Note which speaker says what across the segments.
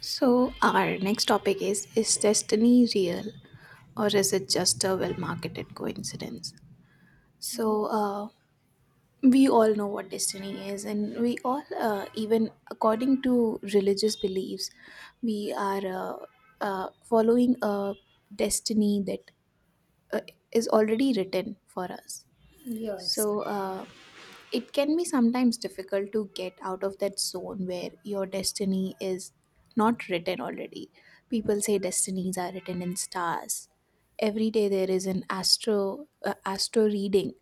Speaker 1: So, our next topic is destiny real or is it just a well marketed coincidence? So,
Speaker 2: Yes.
Speaker 1: uh, we all know what destiny is, and we all, even according to religious beliefs, we are following a destiny that uh, is already written for us.
Speaker 2: Yes.
Speaker 1: So, uh, it can be sometimes difficult to get out of that zone where your destiny is not written already. People say destinies are written in stars. Every day there is an astro reading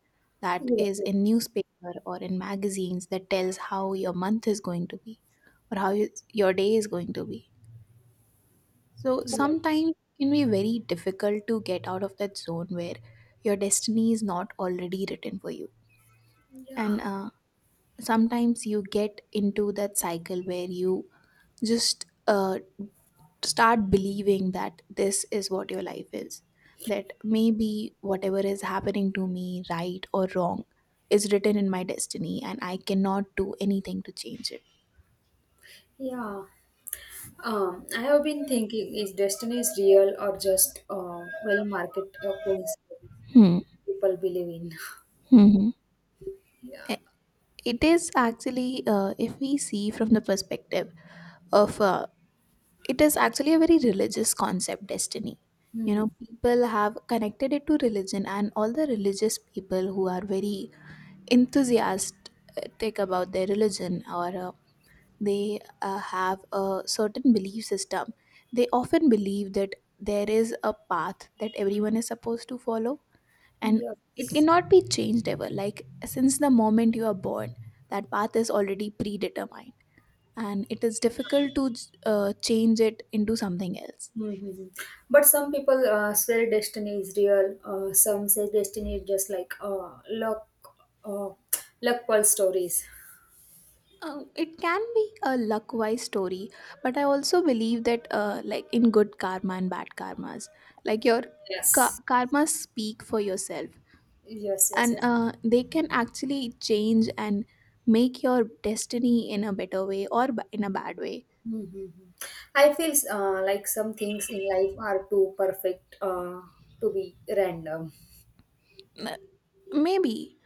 Speaker 1: that
Speaker 2: Yes.
Speaker 1: is in newspaper or in magazines that tells how your month is going to be or how your day is going to be. So
Speaker 2: Yes.
Speaker 1: sometimes it can be very difficult to get out of that zone where your destiny is not already written for you. And
Speaker 2: Yeah,
Speaker 1: sometimes you get into that cycle where you just start believing that this is what your life is, that maybe whatever is happening to me right or wrong is written in my destiny and I cannot do anything to change it.
Speaker 2: yeah. I have been thinking, is destiny is real or just well market coincidence
Speaker 1: Hmm.
Speaker 2: people believe in?
Speaker 1: Hmm.
Speaker 2: Yeah.
Speaker 1: It is actually, if we see from the perspective of it is actually a very religious concept, destiny. You
Speaker 2: Hmm.
Speaker 1: know, people have connected it to religion, and all the religious people who are very enthusiastic about their religion, or they have a certain belief system. They often believe that there is a path that everyone is supposed to follow, and it
Speaker 2: Yes.
Speaker 1: cannot be changed ever. Like, since the moment you are born, that path is already predetermined, and it is difficult to change it into something else.
Speaker 2: Mm-hmm. But some people swear destiny is real. Some say destiny is just like luck, uh, luck pull stories.
Speaker 1: It can be a luck-wise story, but I also believe that, like in good karma and bad karmas, like your
Speaker 2: Yes.
Speaker 1: karmas speak for yourself,
Speaker 2: Yes. Yes.
Speaker 1: and
Speaker 2: Yes.
Speaker 1: they can actually change and make your destiny in a better way or in a bad way.
Speaker 2: Mhm. I feel like some things in life are too perfect to be random.
Speaker 1: M- Maybe.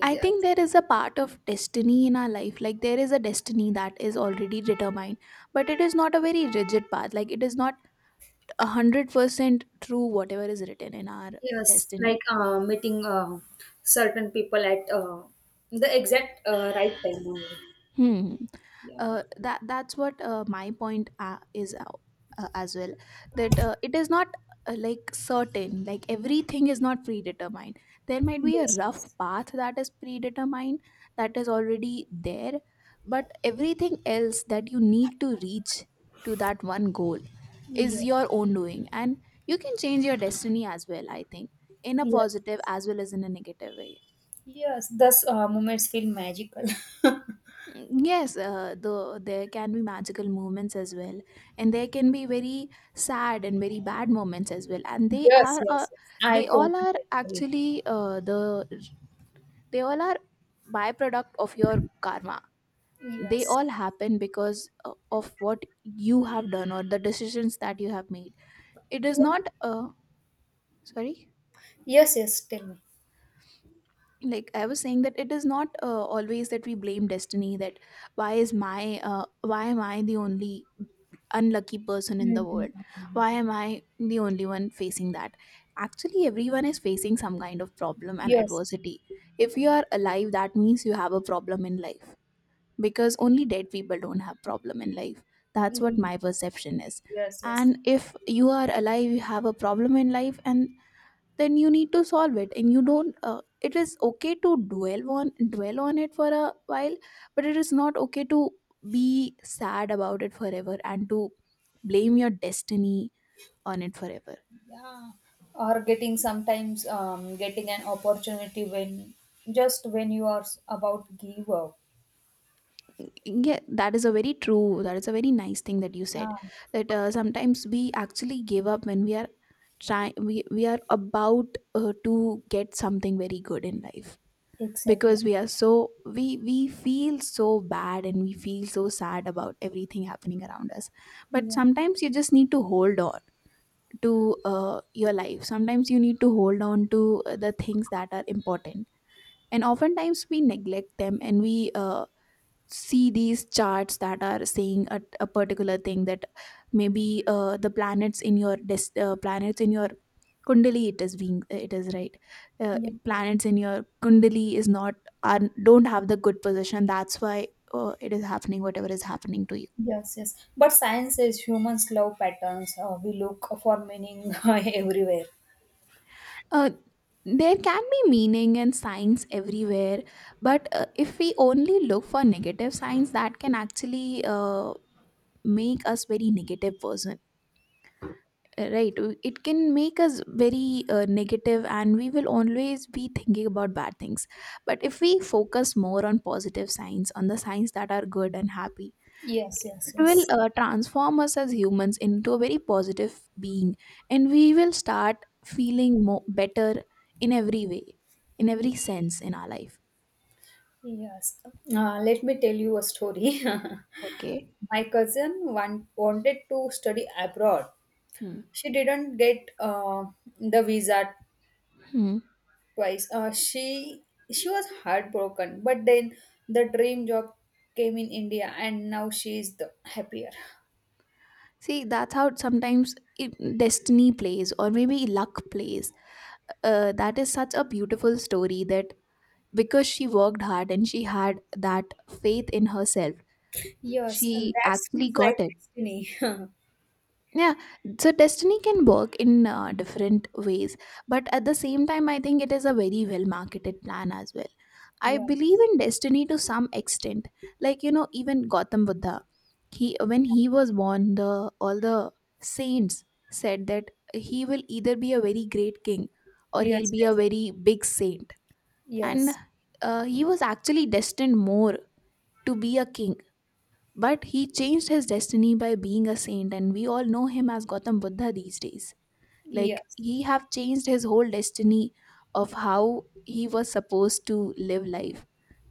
Speaker 1: I think there is a part of destiny in our life, like there is a destiny that is already determined, but it is not a very rigid path. Like, it is not 100% true whatever is written in our
Speaker 2: yes,
Speaker 1: destiny.
Speaker 2: like meeting certain people at the exact right time only.
Speaker 1: Hmm.
Speaker 2: Yeah.
Speaker 1: That that's what my point is as well. That it is not like certain. Like, everything is not predetermined. There might be a rough
Speaker 2: Yes.
Speaker 1: path that is predetermined, that is already there, but everything else that you need to reach to that one goal is
Speaker 2: Yeah.
Speaker 1: your own doing, and you can change your destiny as well. I think in a
Speaker 2: Yes.
Speaker 1: positive as well as in a negative way.
Speaker 2: Yes. Thus, moments feel magical.
Speaker 1: Mm, yes, there can be magical moments as well, and there can be very sad and very bad moments as well, and they
Speaker 2: Yes.
Speaker 1: are
Speaker 2: Yes. Yes. I
Speaker 1: they
Speaker 2: totally
Speaker 1: all are
Speaker 2: agree.
Speaker 1: actually uh, the they all are byproduct of your karma. They
Speaker 2: Yes.
Speaker 1: all happen because of what you have done or the decisions that you have made. It is
Speaker 2: Yeah.
Speaker 1: not. Sorry.
Speaker 2: Yes. Yes. Tell me.
Speaker 1: Like I was saying, that it is not always that we blame destiny, that why is my why am I the only unlucky person in the
Speaker 2: Mhm.
Speaker 1: world, why am I the only one facing that. Actually, everyone is facing some kind of problem and
Speaker 2: Yes.
Speaker 1: adversity. If you are alive, that means you have a problem in life, because only dead people don't have problem in life. That's what
Speaker 2: Mhm.
Speaker 1: my perception is.
Speaker 2: Yes, yes.
Speaker 1: And if you are alive, you have a problem in life, and then you need to solve it, and you don't. It is okay to dwell on it for a while, but it is not okay to be sad about it forever and to blame your destiny on it forever.
Speaker 2: Yeah, or getting sometimes getting an opportunity when just when you are about give up.
Speaker 1: Yeah, that is a very true, that is a very nice thing that you said,
Speaker 2: Ah,
Speaker 1: that sometimes we actually give up when we are we are about to get something very good in life,
Speaker 2: exactly.
Speaker 1: because we are so, we feel so bad and we feel so sad about everything happening around us. But
Speaker 2: Yeah,
Speaker 1: sometimes you just need to hold on to your life. Sometimes you need to hold on to the things that are important, and oftentimes we neglect them, and we see these charts that are saying a particular thing, that maybe the planets in your kundali, it is being, it is right, uh,
Speaker 2: yeah.
Speaker 1: planets in your kundali is not, are don't have the good position, that's why it is happening whatever is happening to you.
Speaker 2: Yes, yes, but science says humans love patterns, we look for meaning everywhere.
Speaker 1: Uh, there can be meaning and science everywhere, but if we only look for negative signs, that can actually make us very negative person, right? It can make us very negative, and we will always be thinking about bad things. But if we focus more on positive signs, on the signs that are good and happy,
Speaker 2: Yes, yes,
Speaker 1: it
Speaker 2: yes.
Speaker 1: will transform us as humans into a very positive being, and we will start feeling more better in every way, in every sense in our life.
Speaker 2: Yes, let me tell you a story.
Speaker 1: Okay.
Speaker 2: My cousin wanted to study abroad.
Speaker 1: Hmm.
Speaker 2: She didn't get the visa
Speaker 1: Hmm.
Speaker 2: twice. She was heartbroken, but then the dream job came in India, and now she is the happier.
Speaker 1: See, that's how sometimes it, destiny plays, or maybe luck plays. Uh, that is such a beautiful story, that because she worked hard and she had that faith in herself,
Speaker 2: Yes, and
Speaker 1: she
Speaker 2: that's
Speaker 1: actually
Speaker 2: feels like
Speaker 1: got it.
Speaker 2: destiny.
Speaker 1: Yeah. So destiny can work in different ways, but at the same time I think it is a very well marketed plan as well. I believe
Speaker 2: Yes,
Speaker 1: in destiny to some extent. Like, you know, even Gautam Buddha, he when he was born, the all the saints said that he will either be a very great king or he'll
Speaker 2: yes,
Speaker 1: be a
Speaker 2: yes,
Speaker 1: very big saint. And
Speaker 2: yes,
Speaker 1: he was actually destined more to be a king, but he changed his destiny by being a saint, and we all know him as Gautam Buddha these days. Like,
Speaker 2: yes,
Speaker 1: he have changed his whole destiny of how he was supposed to live life.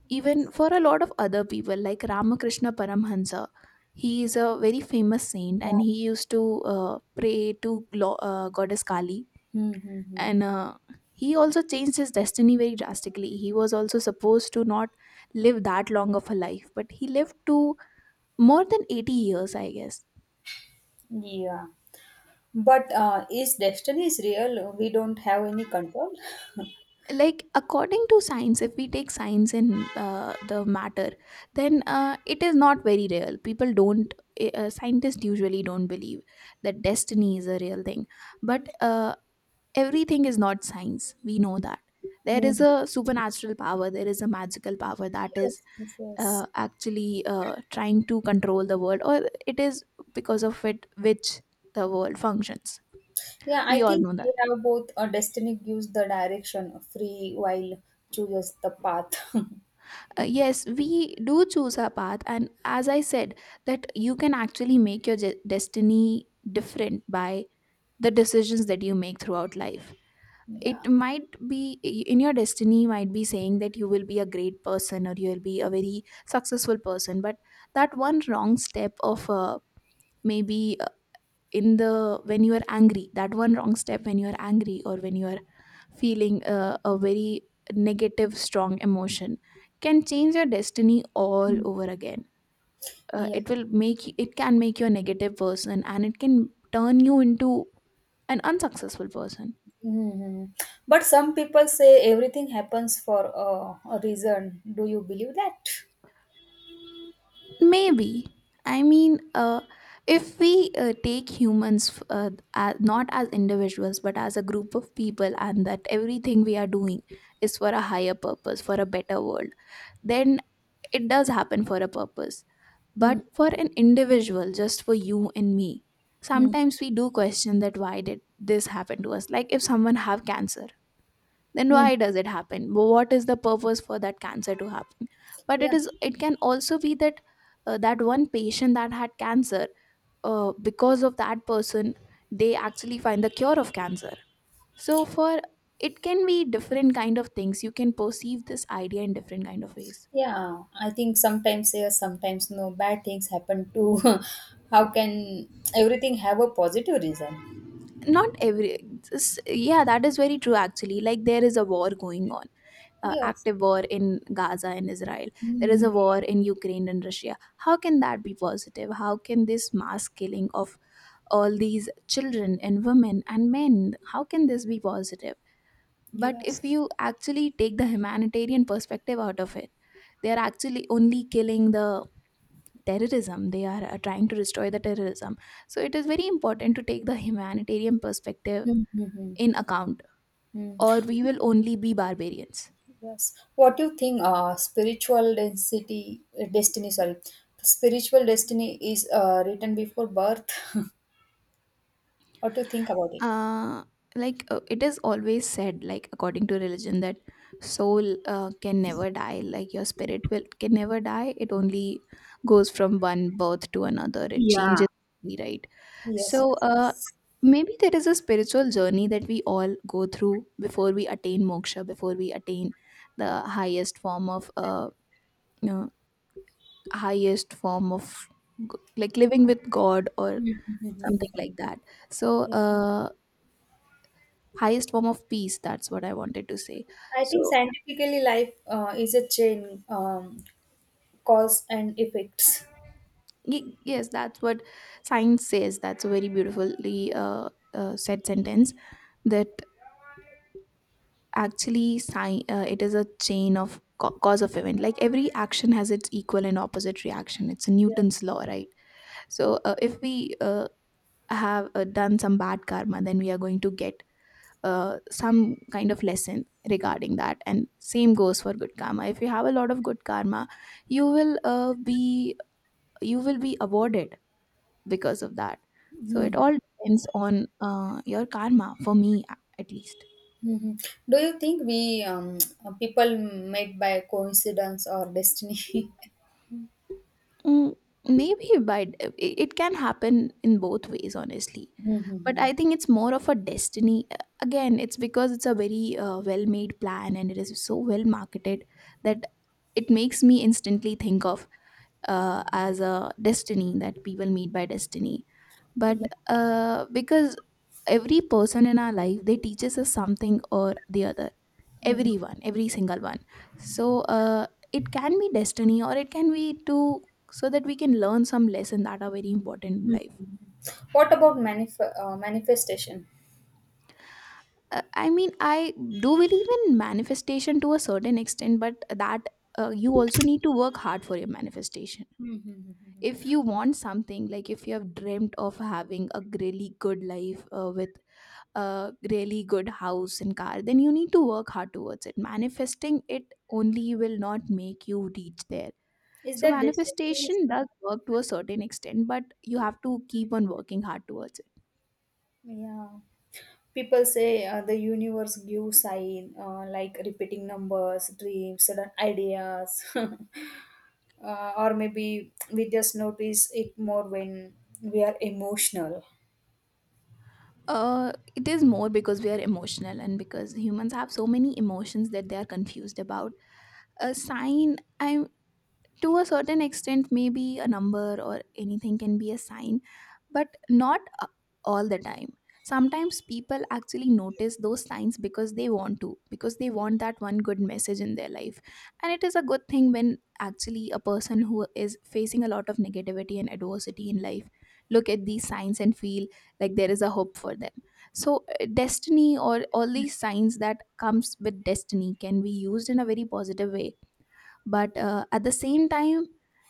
Speaker 1: Even for a lot of other people, like Ramakrishna Paramhansa, he is a very famous saint,
Speaker 2: yeah.
Speaker 1: and he used to pray to goddess Kali,
Speaker 2: Mm-hmm.
Speaker 1: and he also changed his destiny very drastically. He was also supposed to not live that long of a life, but he lived to more than 80 years, I guess.
Speaker 2: Yeah, but is destiny is real? We don't have any control.
Speaker 1: Like, according to science, if we take science in the matter, then it is not very real. People don't, scientists usually don't believe that destiny is a real thing. But everything is not science, we know that. There is
Speaker 2: Hmm.
Speaker 1: a supernatural power, there is a magical power that is
Speaker 2: Yes, yes,
Speaker 1: uh,
Speaker 2: yes.
Speaker 1: actually uh, trying to control the world, or it is because of it which the world functions.
Speaker 2: Yeah,
Speaker 1: We
Speaker 2: I
Speaker 1: all
Speaker 2: think
Speaker 1: know.
Speaker 2: we have both. Destiny gives the direction, free while chooses the path.
Speaker 1: Uh, yes, we do choose our path, and as I said, that you can actually make your destiny different by the decisions that you make throughout life.
Speaker 2: Yeah.
Speaker 1: It might be in your destiny, might be saying that you will be a great person or you'll be a very successful person, but that one wrong step of maybe in the when you are angry, that one wrong step when you are angry, or when you are feeling a very negative strong emotion, can change your destiny all
Speaker 2: Mm.
Speaker 1: over again. Uh,
Speaker 2: Yeah.
Speaker 1: it will make it can make you a negative person, and it can turn you into an unsuccessful person.
Speaker 2: Hmm. But some people say everything happens for a reason. Do you believe that?
Speaker 1: Maybe. I mean, if we take humans as, not as individuals but as a group of people, and that everything we are doing is for a higher purpose, for a better world, then it does happen for a purpose. But for an individual, just for you and me,
Speaker 2: Mm-hmm.
Speaker 1: sometimes we do question that, why did this happen to us? Like, if someone have cancer, then why does it happen? What is the purpose for that cancer to happen? But
Speaker 2: Yeah.
Speaker 1: it can also be that that one patient that had cancer, because of that person, they actually find the cure of cancer. So for, it can be different kind of things. You can perceive this idea in different kind of ways.
Speaker 2: Yeah. I think sometimes yes, sometimes no. Bad things happen too. How can everything have a positive reason?
Speaker 1: Not yeah, that is very true actually. Like, there is a war going on,
Speaker 2: Yes.
Speaker 1: active war in Gaza and Israel. There is
Speaker 2: Mm-hmm.
Speaker 1: a war in Ukraine and Russia. How can that be positive? How can this mass killing of all these children and women and men, how can this be positive? But if
Speaker 2: Yes.
Speaker 1: you actually take the humanitarian perspective out of it, they are actually only killing the terrorism. They are trying to destroy the terrorism. So it is very important to take the humanitarian perspective
Speaker 2: Mm-hmm.
Speaker 1: in account,
Speaker 2: Hmm.
Speaker 1: or we will only be barbarians.
Speaker 2: Yes. What do you think spiritual destiny, spiritual destiny is written before birth? What do you think about it?
Speaker 1: Uh, like it is always said, like according to religion, that soul can never die. Like, your spirit will can never die. It only goes from one birth to another. It
Speaker 2: Yeah.
Speaker 1: changes, right?
Speaker 2: Yes,
Speaker 1: So,
Speaker 2: yes.
Speaker 1: uh, maybe there is a spiritual journey that we all go through before we attain moksha, before we attain the highest form of you know, highest form of like living with God or something
Speaker 2: Mhm.
Speaker 1: like that so
Speaker 2: Yeah.
Speaker 1: uh Highest form of peace, that's what I wanted to say.
Speaker 2: I think,
Speaker 1: so
Speaker 2: yeah, scientifically life is a chain, cause and effects.
Speaker 1: yes, that's what science says. That's a very beautifully said sentence, that actually it is a chain of cause of event. Like every action has its equal and opposite reaction, it's a
Speaker 2: Yeah.
Speaker 1: Newton's law, right? So if we have done some bad karma, then we are going to get some kind of lesson regarding that, and same goes for good karma. If you have a lot of good karma, you will uh, be you will be awarded because of that. So it
Speaker 2: Mhm.
Speaker 1: all depends on your karma, for me at least.
Speaker 2: Mhm. Do you think we, people met by coincidence or destiny?
Speaker 1: Mm, maybe, but it can happen in both ways honestly. But
Speaker 2: Mhm.
Speaker 1: I think it's more of a destiny. Again, it's because it's a very well made plan and it is so well marketed that it makes me instantly think of as a destiny, that people meet by destiny. But
Speaker 2: Yeah.
Speaker 1: because every person in our life, they teaches us something or the other.
Speaker 2: Mhm.
Speaker 1: Everyone, every single one. So it can be destiny, or it can be to, so that we can learn some lesson that are very important in life.
Speaker 2: What about manifestation?
Speaker 1: I mean, I do believe in manifestation to a certain extent, but that you also need to work hard for your manifestation.
Speaker 2: Mm-hmm.
Speaker 1: If you want something, like if you have dreamt of having a really good life with a really good house and car, then you need to work hard towards it. Manifesting it only will not make you reach there.
Speaker 2: Is
Speaker 1: So
Speaker 2: that destiny? Is,
Speaker 1: manifestation does work to a certain extent, but you have to keep on working hard towards it.
Speaker 2: yeah. People say the universe gives sign like repeating numbers, dreams, sudden ideas, or maybe we just notice it more when we are emotional.
Speaker 1: It is more because we are emotional, and because humans have so many emotions that they are confused about a sign. I To a certain extent, maybe a number or anything can be a sign, but not all the time. Sometimes people actually notice those signs because they want to, because they want that one good message in their life. And it is a good thing when actually a person who is facing a lot of negativity and adversity in life look at these signs and feel like there is a hope for them. So destiny or all these signs that comes with destiny can be used in a very positive way. But at the same time,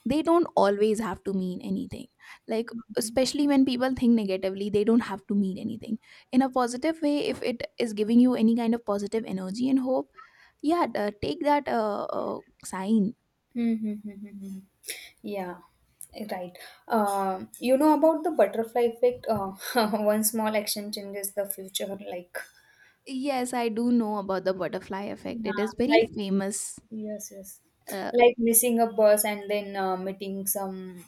Speaker 1: they don't always have to mean anything. Like, especially when people think negatively, they don't have to mean anything. In a positive way, if it is giving you any kind of positive energy and hope, yeah, take that sign.
Speaker 2: Mm-hmm. Yeah, right. You know about the butterfly effect? One small action changes the future, like,
Speaker 1: Yes, I do know about the butterfly effect, it is very
Speaker 2: yeah.
Speaker 1: famous.
Speaker 2: Yes, yes.
Speaker 1: uh,
Speaker 2: Like missing a bus and then meeting some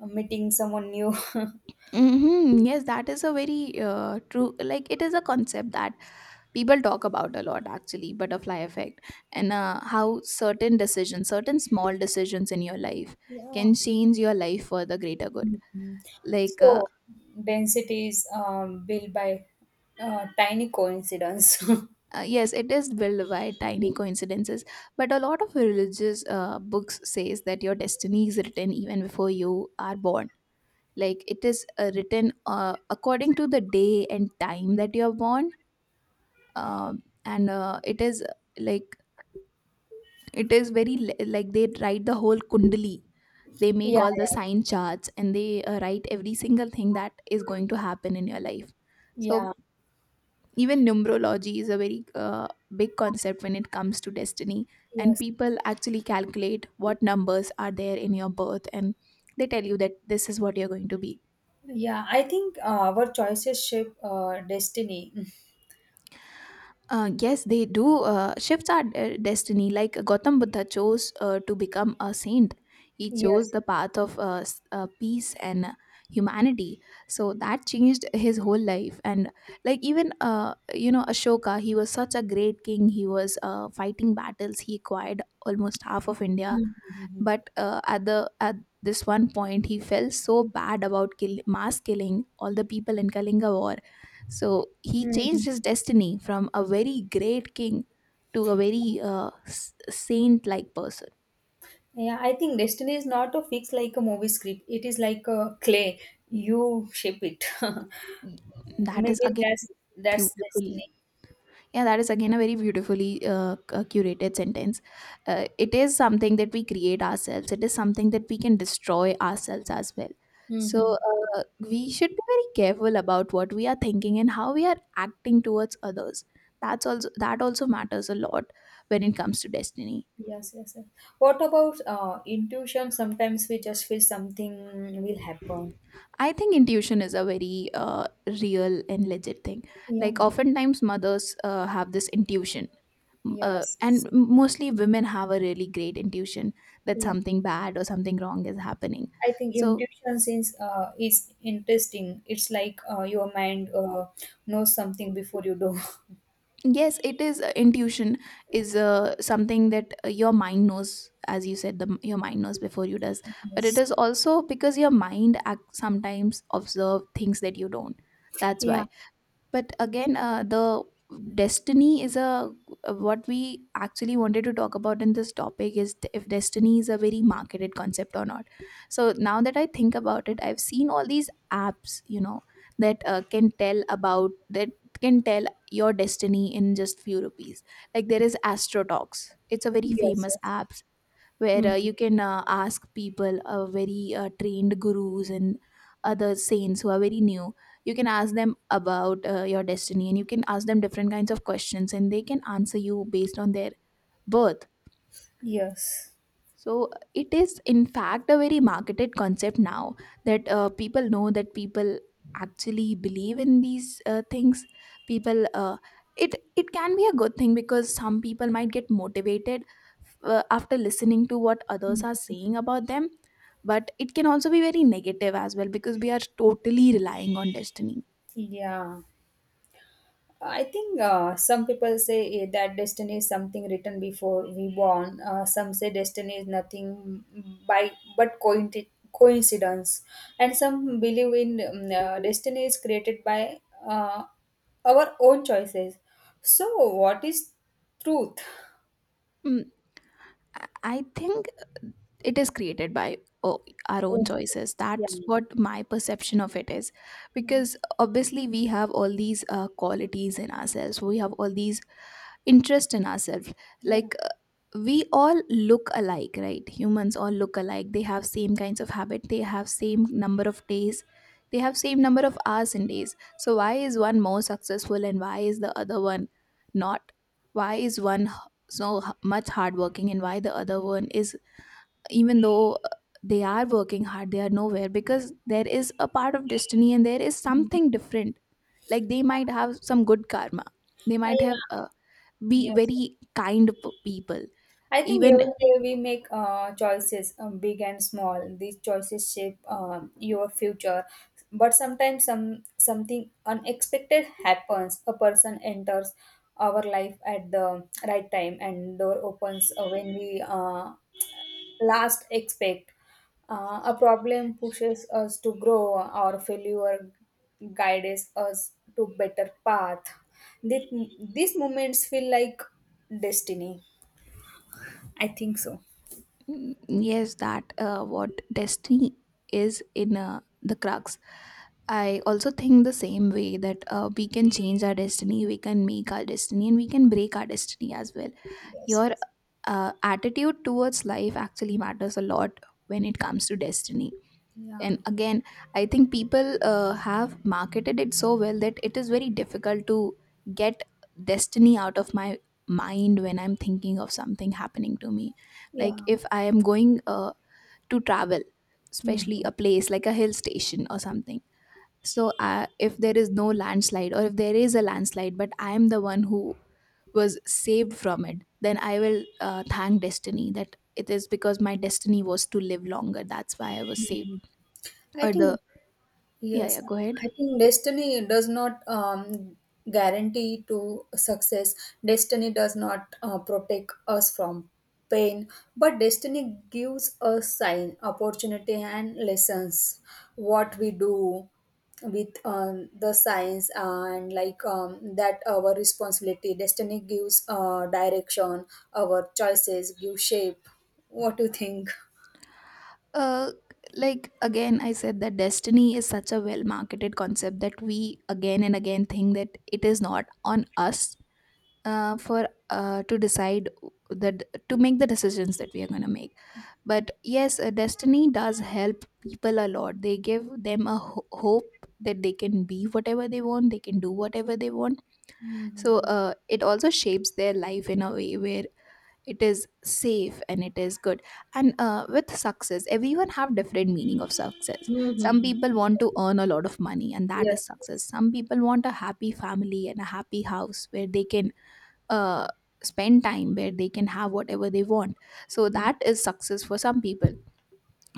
Speaker 2: meeting someone new.
Speaker 1: mhm, yes, that is a very true, like it is a concept that people talk about a lot, actually, butterfly effect. And how certain decisions, certain small decisions in your life
Speaker 2: Yeah.
Speaker 1: can change your life for the greater good.
Speaker 2: Mhm.
Speaker 1: Like
Speaker 2: So density is built by tiny coincidence.
Speaker 1: yes, it is built by tiny coincidences, but a lot of religious books says that your destiny is written even before you are born. Like it is written according to the day and time that you are born. And it is like, it is very like they write the whole kundali. They make
Speaker 2: Yeah,
Speaker 1: all the
Speaker 2: yeah,
Speaker 1: sign charts and they write every single thing that is going to happen in your life. So
Speaker 2: yeah.
Speaker 1: even numerology is a very big concept when it comes to destiny. And
Speaker 2: Yes.
Speaker 1: people actually calculate what numbers are there in your birth, and they tell you that this is what you're going to be.
Speaker 2: Yeah, I think our choices shape destiny.
Speaker 1: Yes, they do shifts our destiny. Like Gautam Buddha chose to become a saint, he chose
Speaker 2: Yes,
Speaker 1: the
Speaker 2: yes.
Speaker 1: path of peace and humanity. So that changed his whole life. And like even you know Ashoka, he was such a great king. He was fighting battles. He acquired almost half of India,
Speaker 2: Mhm.
Speaker 1: but at this one point he felt so bad about kill, mass killing all the people in Kalinga war. So he changed
Speaker 2: Mhm.
Speaker 1: his destiny from a very great king to a very saint like person.
Speaker 2: Yeah, I think destiny is not a fix like a movie script. It is like a clay. You shape it.
Speaker 1: That is
Speaker 2: Maybe
Speaker 1: again
Speaker 2: that's
Speaker 1: beautiful.
Speaker 2: destiny.
Speaker 1: Yeah, that is again a very beautifully curated sentence. It is something that we create ourselves, it is something that we can destroy ourselves as well.
Speaker 2: Mm-hmm.
Speaker 1: So, we should be very careful about what we are thinking and how we are acting towards others. That also matters a lot when it comes to destiny.
Speaker 2: Yes, yes, yes. What about intuition? Sometimes we just feel something will happen.
Speaker 1: I think intuition is a very real and legit thing. Like
Speaker 2: Yeah.
Speaker 1: oftentimes mothers have this intuition, uh, and
Speaker 2: Yes.
Speaker 1: m- mostly women have a really great intuition that
Speaker 2: Yeah.
Speaker 1: something bad or something wrong is happening.
Speaker 2: I think
Speaker 1: so
Speaker 2: intuition is interesting. It's like your mind knows something before you do.
Speaker 1: yes, it is intuition is something that your mind knows, as you said, your mind knows before you does. But it
Speaker 2: Yes.
Speaker 1: is also because your mind act sometimes observe things that you don't, that's
Speaker 2: Yeah.
Speaker 1: why. But again the destiny is a, what we actually wanted to talk about in this topic is if destiny is a very marketed concept or not. So now that I think about it, I've seen all these apps, you know, that can tell about that, can tell your destiny in just few rupees. Like there is Astrotalks, it's a very
Speaker 2: Yes.
Speaker 1: famous
Speaker 2: Yes.
Speaker 1: app where
Speaker 2: Mm.
Speaker 1: you can ask people, very trained gurus and other saints who are very new. You can ask them about your destiny and you can ask them different kinds of questions, and they can answer you based on their birth.
Speaker 2: Yes.
Speaker 1: So it is, in fact, a very marketed concept now, that people know that people actually believe in these things. People, it It can be a good thing because some people might get motivated after listening to what others
Speaker 2: Mm.
Speaker 1: are saying about them. But it can also be very negative as well, because we are totally relying on destiny.
Speaker 2: Yeah. I think some people say eh, that destiny is something written before we born. Some say destiny is nothing by but coincidence, and some believe in destiny is created by uh, our own choices. So, what is truth?
Speaker 1: Hmm, I I think it is created by, oh, our own
Speaker 2: Oh,
Speaker 1: choices,
Speaker 2: yeah.
Speaker 1: that's what my perception of it is.
Speaker 2: Yeah,
Speaker 1: Because obviously we have all these qualities in ourselves, we have all these interest in ourselves.
Speaker 2: yeah.
Speaker 1: Like we all look alike, right? Humans all look alike, they have same kinds of habit, they have same number of days, they have same number of hours and days. So why is one more successful and why is the other one not? Why is one so much hardworking, and why the other one is, even though they are working hard, they are nowhere? Because there is a part of destiny and there is
Speaker 2: Mhm.
Speaker 1: something different. Like they might have some good karma, they might have
Speaker 2: Yeah.
Speaker 1: be
Speaker 2: Yes.
Speaker 1: very kind people.
Speaker 2: I think every
Speaker 1: Even,
Speaker 2: day we make choices, big and small. These choices shape your future. But sometimes some something unexpected happens. A person enters our life at the right time, and door opens when we last expect. A problem pushes us to grow. Our failure guides us to better path. These, these moments feel like destiny. I think so.
Speaker 1: mm, yes, that what destiny is, in the crux, I also think the same way, that we can change our destiny, we can make our destiny, and we can break our destiny as well.
Speaker 2: Yes,
Speaker 1: your
Speaker 2: yes.
Speaker 1: uh, attitude towards life actually matters a lot when it comes to destiny.
Speaker 2: Yeah,
Speaker 1: And again, I think people have marketed it so well that it is very difficult to get destiny out of my mind when I'm thinking of something happening to me. Like
Speaker 2: yeah.
Speaker 1: if I am going to travel, especially a
Speaker 2: Mhm,
Speaker 1: place like a hill station or something. So if there is no landslide, or if there is a landslide but I am the one who was saved from it, then I will thank destiny that it is because my destiny was to live longer, that's why I was
Speaker 2: mhm.
Speaker 1: saved.
Speaker 2: I
Speaker 1: Or the,
Speaker 2: think,
Speaker 1: yeah,
Speaker 2: yes,
Speaker 1: yeah, go ahead.
Speaker 2: I think destiny does not guarantee to success. Destiny does not protect us from pain, but destiny gives us sign, opportunity, and lessons. What we do with the signs and like that our responsibility. Destiny gives direction. Our choices give shape. What do you think?
Speaker 1: uh like again I said that destiny is such a well marketed concept that we again and again think that it is not on us for to decide, that to make the decisions that we are going to make. But yes, destiny does help people a lot, they give them a hope that they can be whatever they want, they can do whatever they want. So
Speaker 2: Mm-hmm.
Speaker 1: it also shapes their life in a way where it is safe and it is good. And with success, everyone have different meaning of success. Some people want to earn a lot of money and that is
Speaker 2: Yes,
Speaker 1: success,
Speaker 2: yes.
Speaker 1: some people want a happy family and a happy house where they can uh, spend time, where they can have whatever They want, so
Speaker 2: Mm.
Speaker 1: that is success for some people.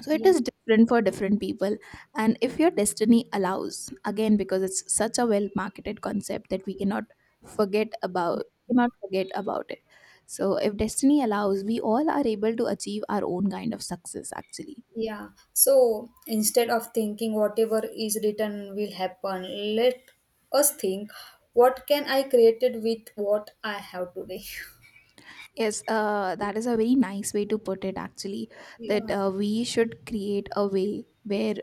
Speaker 1: So it
Speaker 2: Yeah.
Speaker 1: is different for different people. And if your destiny allows, again because it's such a well marketed concept that we cannot forget about, cannot forget about it so if destiny allows, we all are able to achieve our own kind of success actually.
Speaker 2: Yeah, so instead of thinking whatever is written will happen, let us think what can I create it with what I have today.
Speaker 1: Yes, that is a very nice way to put it, actually, that
Speaker 2: Yeah,
Speaker 1: we should create a way where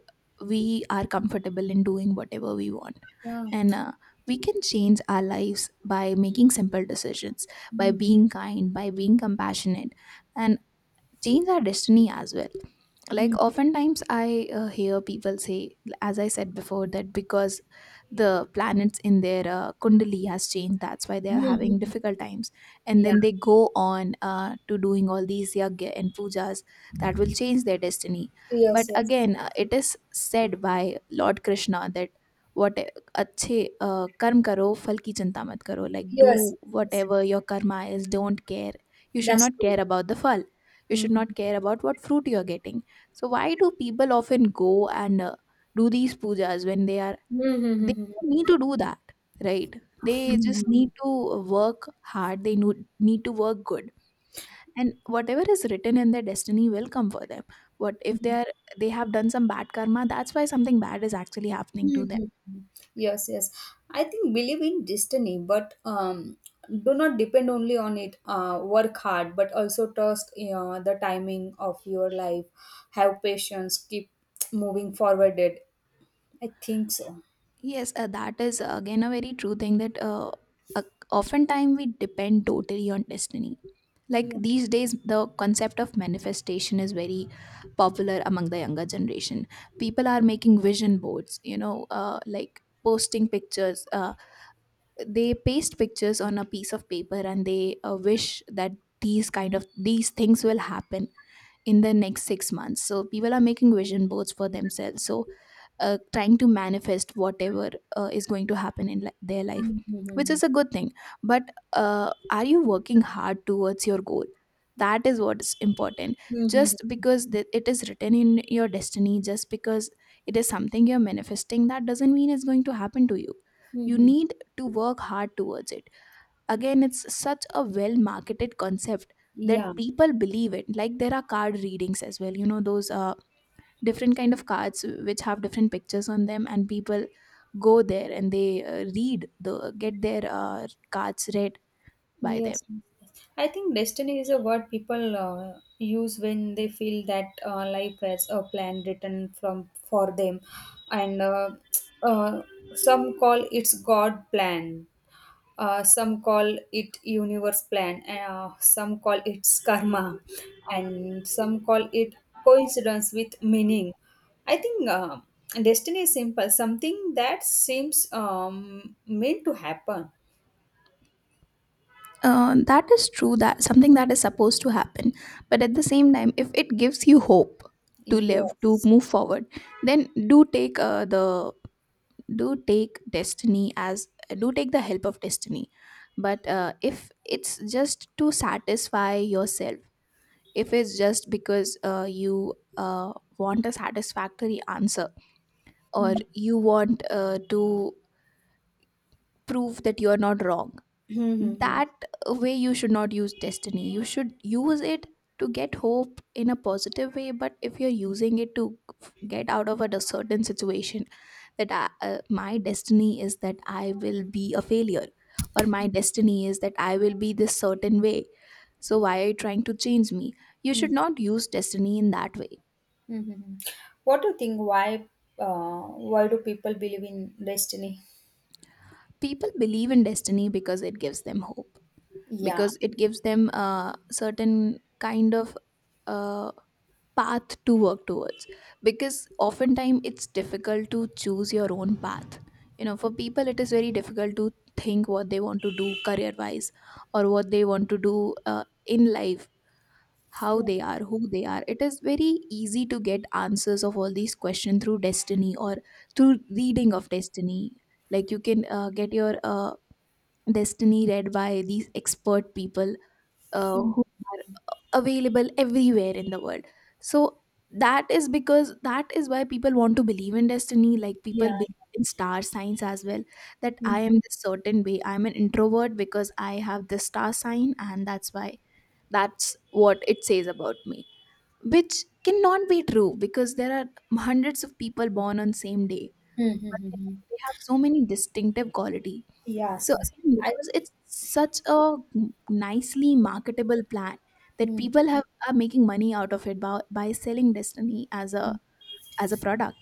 Speaker 1: we are comfortable in doing whatever we want.
Speaker 2: yeah.
Speaker 1: And we can change our lives by making simple decisions, by
Speaker 2: Mhm.
Speaker 1: being kind, by being compassionate, and change our destiny as well. Like
Speaker 2: Mhm.
Speaker 1: oftentimes I hear people say, as I said before, that because the planets in their kundali has changed, that's why they are
Speaker 2: Mhm.
Speaker 1: having difficult times. And
Speaker 2: Yeah,
Speaker 1: then they go on to doing all these yagya and pujas that will change their destiny.
Speaker 2: yes,
Speaker 1: But
Speaker 2: yes,
Speaker 1: again, it is said by Lord Krishna that what अच्छे कर्म करो फल की चिंता मत करो, like, do
Speaker 2: yes, yes, yes.
Speaker 1: whatever your karma is, don't care. You should
Speaker 2: That's
Speaker 1: not
Speaker 2: true.
Speaker 1: care about the फल. You should not
Speaker 2: Mm-hmm.
Speaker 1: care about what fruit you are getting. So why do people often go and do these pujas when they are, they don't need to do that, right? They just
Speaker 2: Mm-hmm.
Speaker 1: need to work hard. They need to work good, and whatever is written in their destiny will come for them. What if they are, they have done some bad karma? That's why something bad is actually happening to them.
Speaker 2: Mhm. Yes, yes. I think believe in destiny, but do not depend only on it. Work hard, but also trust the timing of your life. Have patience. Keep moving forward. I think so.
Speaker 1: Yes, that is again a very true thing, that uh, oftentimes we depend totally on destiny. Like
Speaker 2: Yeah.
Speaker 1: these days the concept of manifestation is very popular among the younger generation. People are making vision boards, you know, like posting pictures, they paste pictures on a piece of paper and they wish that these kind of these things will happen in the next 6 months. So people are making vision boards for themselves. So trying to manifest whatever is going to happen in their life, which
Speaker 2: Mhm.
Speaker 1: is a good thing. But are you working hard towards your goal? That is what's important.
Speaker 2: Mhm.
Speaker 1: Just because it is written in your destiny, just because it is something you're manifesting, that doesn't mean it's going to happen to you. You
Speaker 2: Mhm.
Speaker 1: need to work hard towards it. Again, it's such a well marketed concept
Speaker 2: Yeah.
Speaker 1: that people believe it. Like there are card readings as well. You know those, different kind of cards which have different pictures on them, and people go there and they read the get their cards read by them.
Speaker 2: Yes, yes, yes. I think destiny is a word people use when they feel that life has a plan written from for them, and uh, some call it's God plan, some call it universe plan, some call it's karma, and some call it coincidence with meaning. I think destiny is simple, something that seems meant to happen.
Speaker 1: That is true. That something that is supposed to happen, but at the same time, if it gives you hope to live, to
Speaker 2: Yes.
Speaker 1: move forward, then do take the do take destiny as do take the help of destiny, but if it's just to satisfy yourself, if it's just because you want a satisfactory answer, or
Speaker 2: Hmm.
Speaker 1: you want to prove that you're not wrong,
Speaker 2: Mm-hmm.
Speaker 1: that way you should not use destiny. You should use it to get hope in a positive way, but if you're using it to get out of a certain situation, that I, my destiny is that I will be a failure, or my destiny is that I will be this certain way, so why are you trying to change me? You should not use destiny in that way.
Speaker 2: Mm-hmm. What do you think? Uh, why do people believe in destiny?
Speaker 1: People believe in destiny because it gives them hope,
Speaker 2: Yeah.
Speaker 1: because it gives them a certain kind of uh, path to work towards, because oftentimes it's difficult to choose your own path. You know, for people it is very difficult to think what they want to do career wise, or what they want to do in life, how they are, who they are. It is very easy to get answers of all these questions through destiny or through reading of destiny. Like you can get your destiny read by these expert people,
Speaker 2: Mm.
Speaker 1: who available everywhere in the world. So that is because that is why people want to believe in destiny. Like people
Speaker 2: Yeah.
Speaker 1: believe in star signs as well, that I
Speaker 2: Mm-hmm.
Speaker 1: am this certain way, I'm an introvert because I have this star sign and that's why that's what it says about me. Which cannot be true because there are hundreds of people born on same day, but they have so many distinctive quality. So
Speaker 2: Yes. Yes.
Speaker 1: again,
Speaker 2: I.
Speaker 1: because it's such a nicely marketable plan, that
Speaker 2: Mm.
Speaker 1: people have are making money out of it by selling destiny as a product.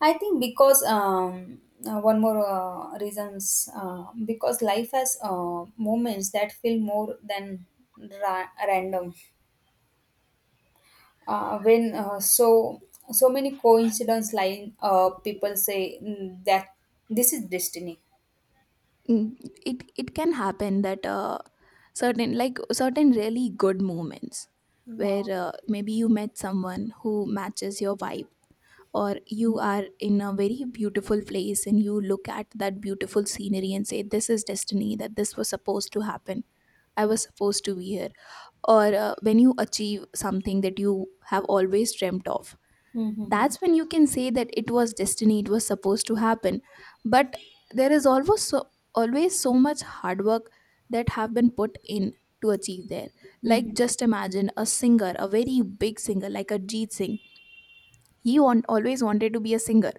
Speaker 2: I think because one more reasons because life has moments that feel more than random. When so so many coincidence line, people say mm, that this is destiny.
Speaker 1: Mm, it can happen that certain, like certain really good moments where
Speaker 2: Yeah.
Speaker 1: maybe you met someone who matches your vibe, or you are in a very beautiful place and you look at that beautiful scenery and say, this is destiny, that this was supposed to happen, I was supposed to be here. Or when you achieve something that you have always dreamt of,
Speaker 2: Mhm.
Speaker 1: that's when you can say that it was destiny, it was supposed to happen. But there is always so, always so much hard work that have been put in to achieve there. Like,
Speaker 2: Mhm.
Speaker 1: just imagine a singer, a very big singer like a Singh, he always wanted to be a singer,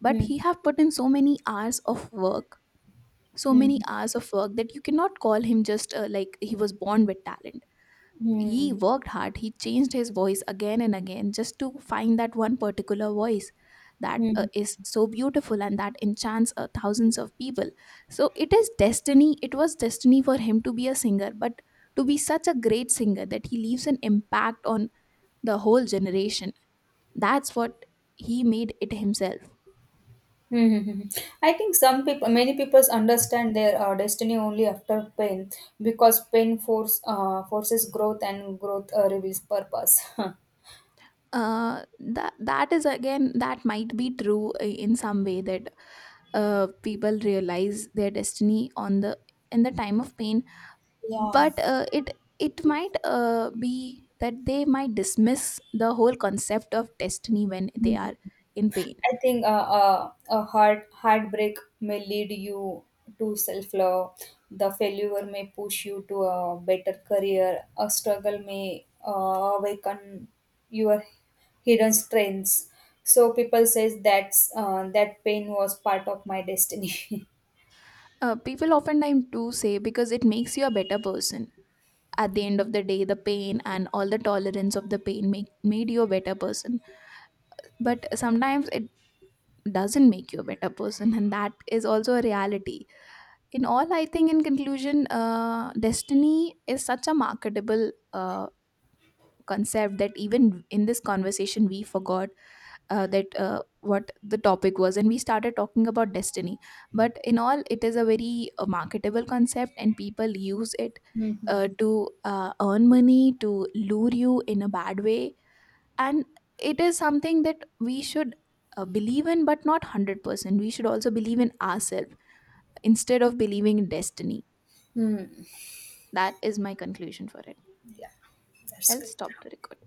Speaker 1: but
Speaker 2: Mhm.
Speaker 1: he have put in so many hours of work, so many
Speaker 2: Mhm.
Speaker 1: hours of work, that you cannot call him just like he was born with talent. He
Speaker 2: Mhm.
Speaker 1: worked hard. He changed his voice again and again just to find that one particular voice that
Speaker 2: Mhm.
Speaker 1: is so beautiful and that enchants thousands of people. So it is destiny. It was destiny for him to be a singer, but to be such a great singer that he leaves an impact on the whole generation. That's what he made it himself.
Speaker 2: Mhm. I think some people, many people understand their destiny only after pain, because pain force forces growth and growth reveals purpose.
Speaker 1: That is again that might be true in some way that people realize their destiny on the in the time of pain,
Speaker 2: Yeah.
Speaker 1: but it it might be that they might dismiss the whole concept of destiny when they
Speaker 2: Mhm.
Speaker 1: are in pain.
Speaker 2: I think a heartbreak may lead you to self love. The failure may push you to a better career. A struggle may awaken your hidden strengths. So people says that's that pain was part of my destiny.
Speaker 1: Uh, people oftentimes do say, because it makes you a better person. At the end of the day, the pain and all the tolerance of the pain made you a better person. But sometimes it doesn't make you a better person, and that is also a reality. In all, I think, in conclusion, destiny is such a marketable concept that even in this conversation we forgot that what the topic was, and we started talking about destiny. But in all, it is a very marketable concept, and people use it
Speaker 2: Mhm.
Speaker 1: to earn money, to lure you in a bad way. And it is something that we should believe in, but not 100%. We should also believe in ourselves instead of believing in destiny.
Speaker 2: Hmm.
Speaker 1: That is my conclusion for it.
Speaker 2: Yeah, that's
Speaker 1: I'll
Speaker 2: great.
Speaker 1: stop the record.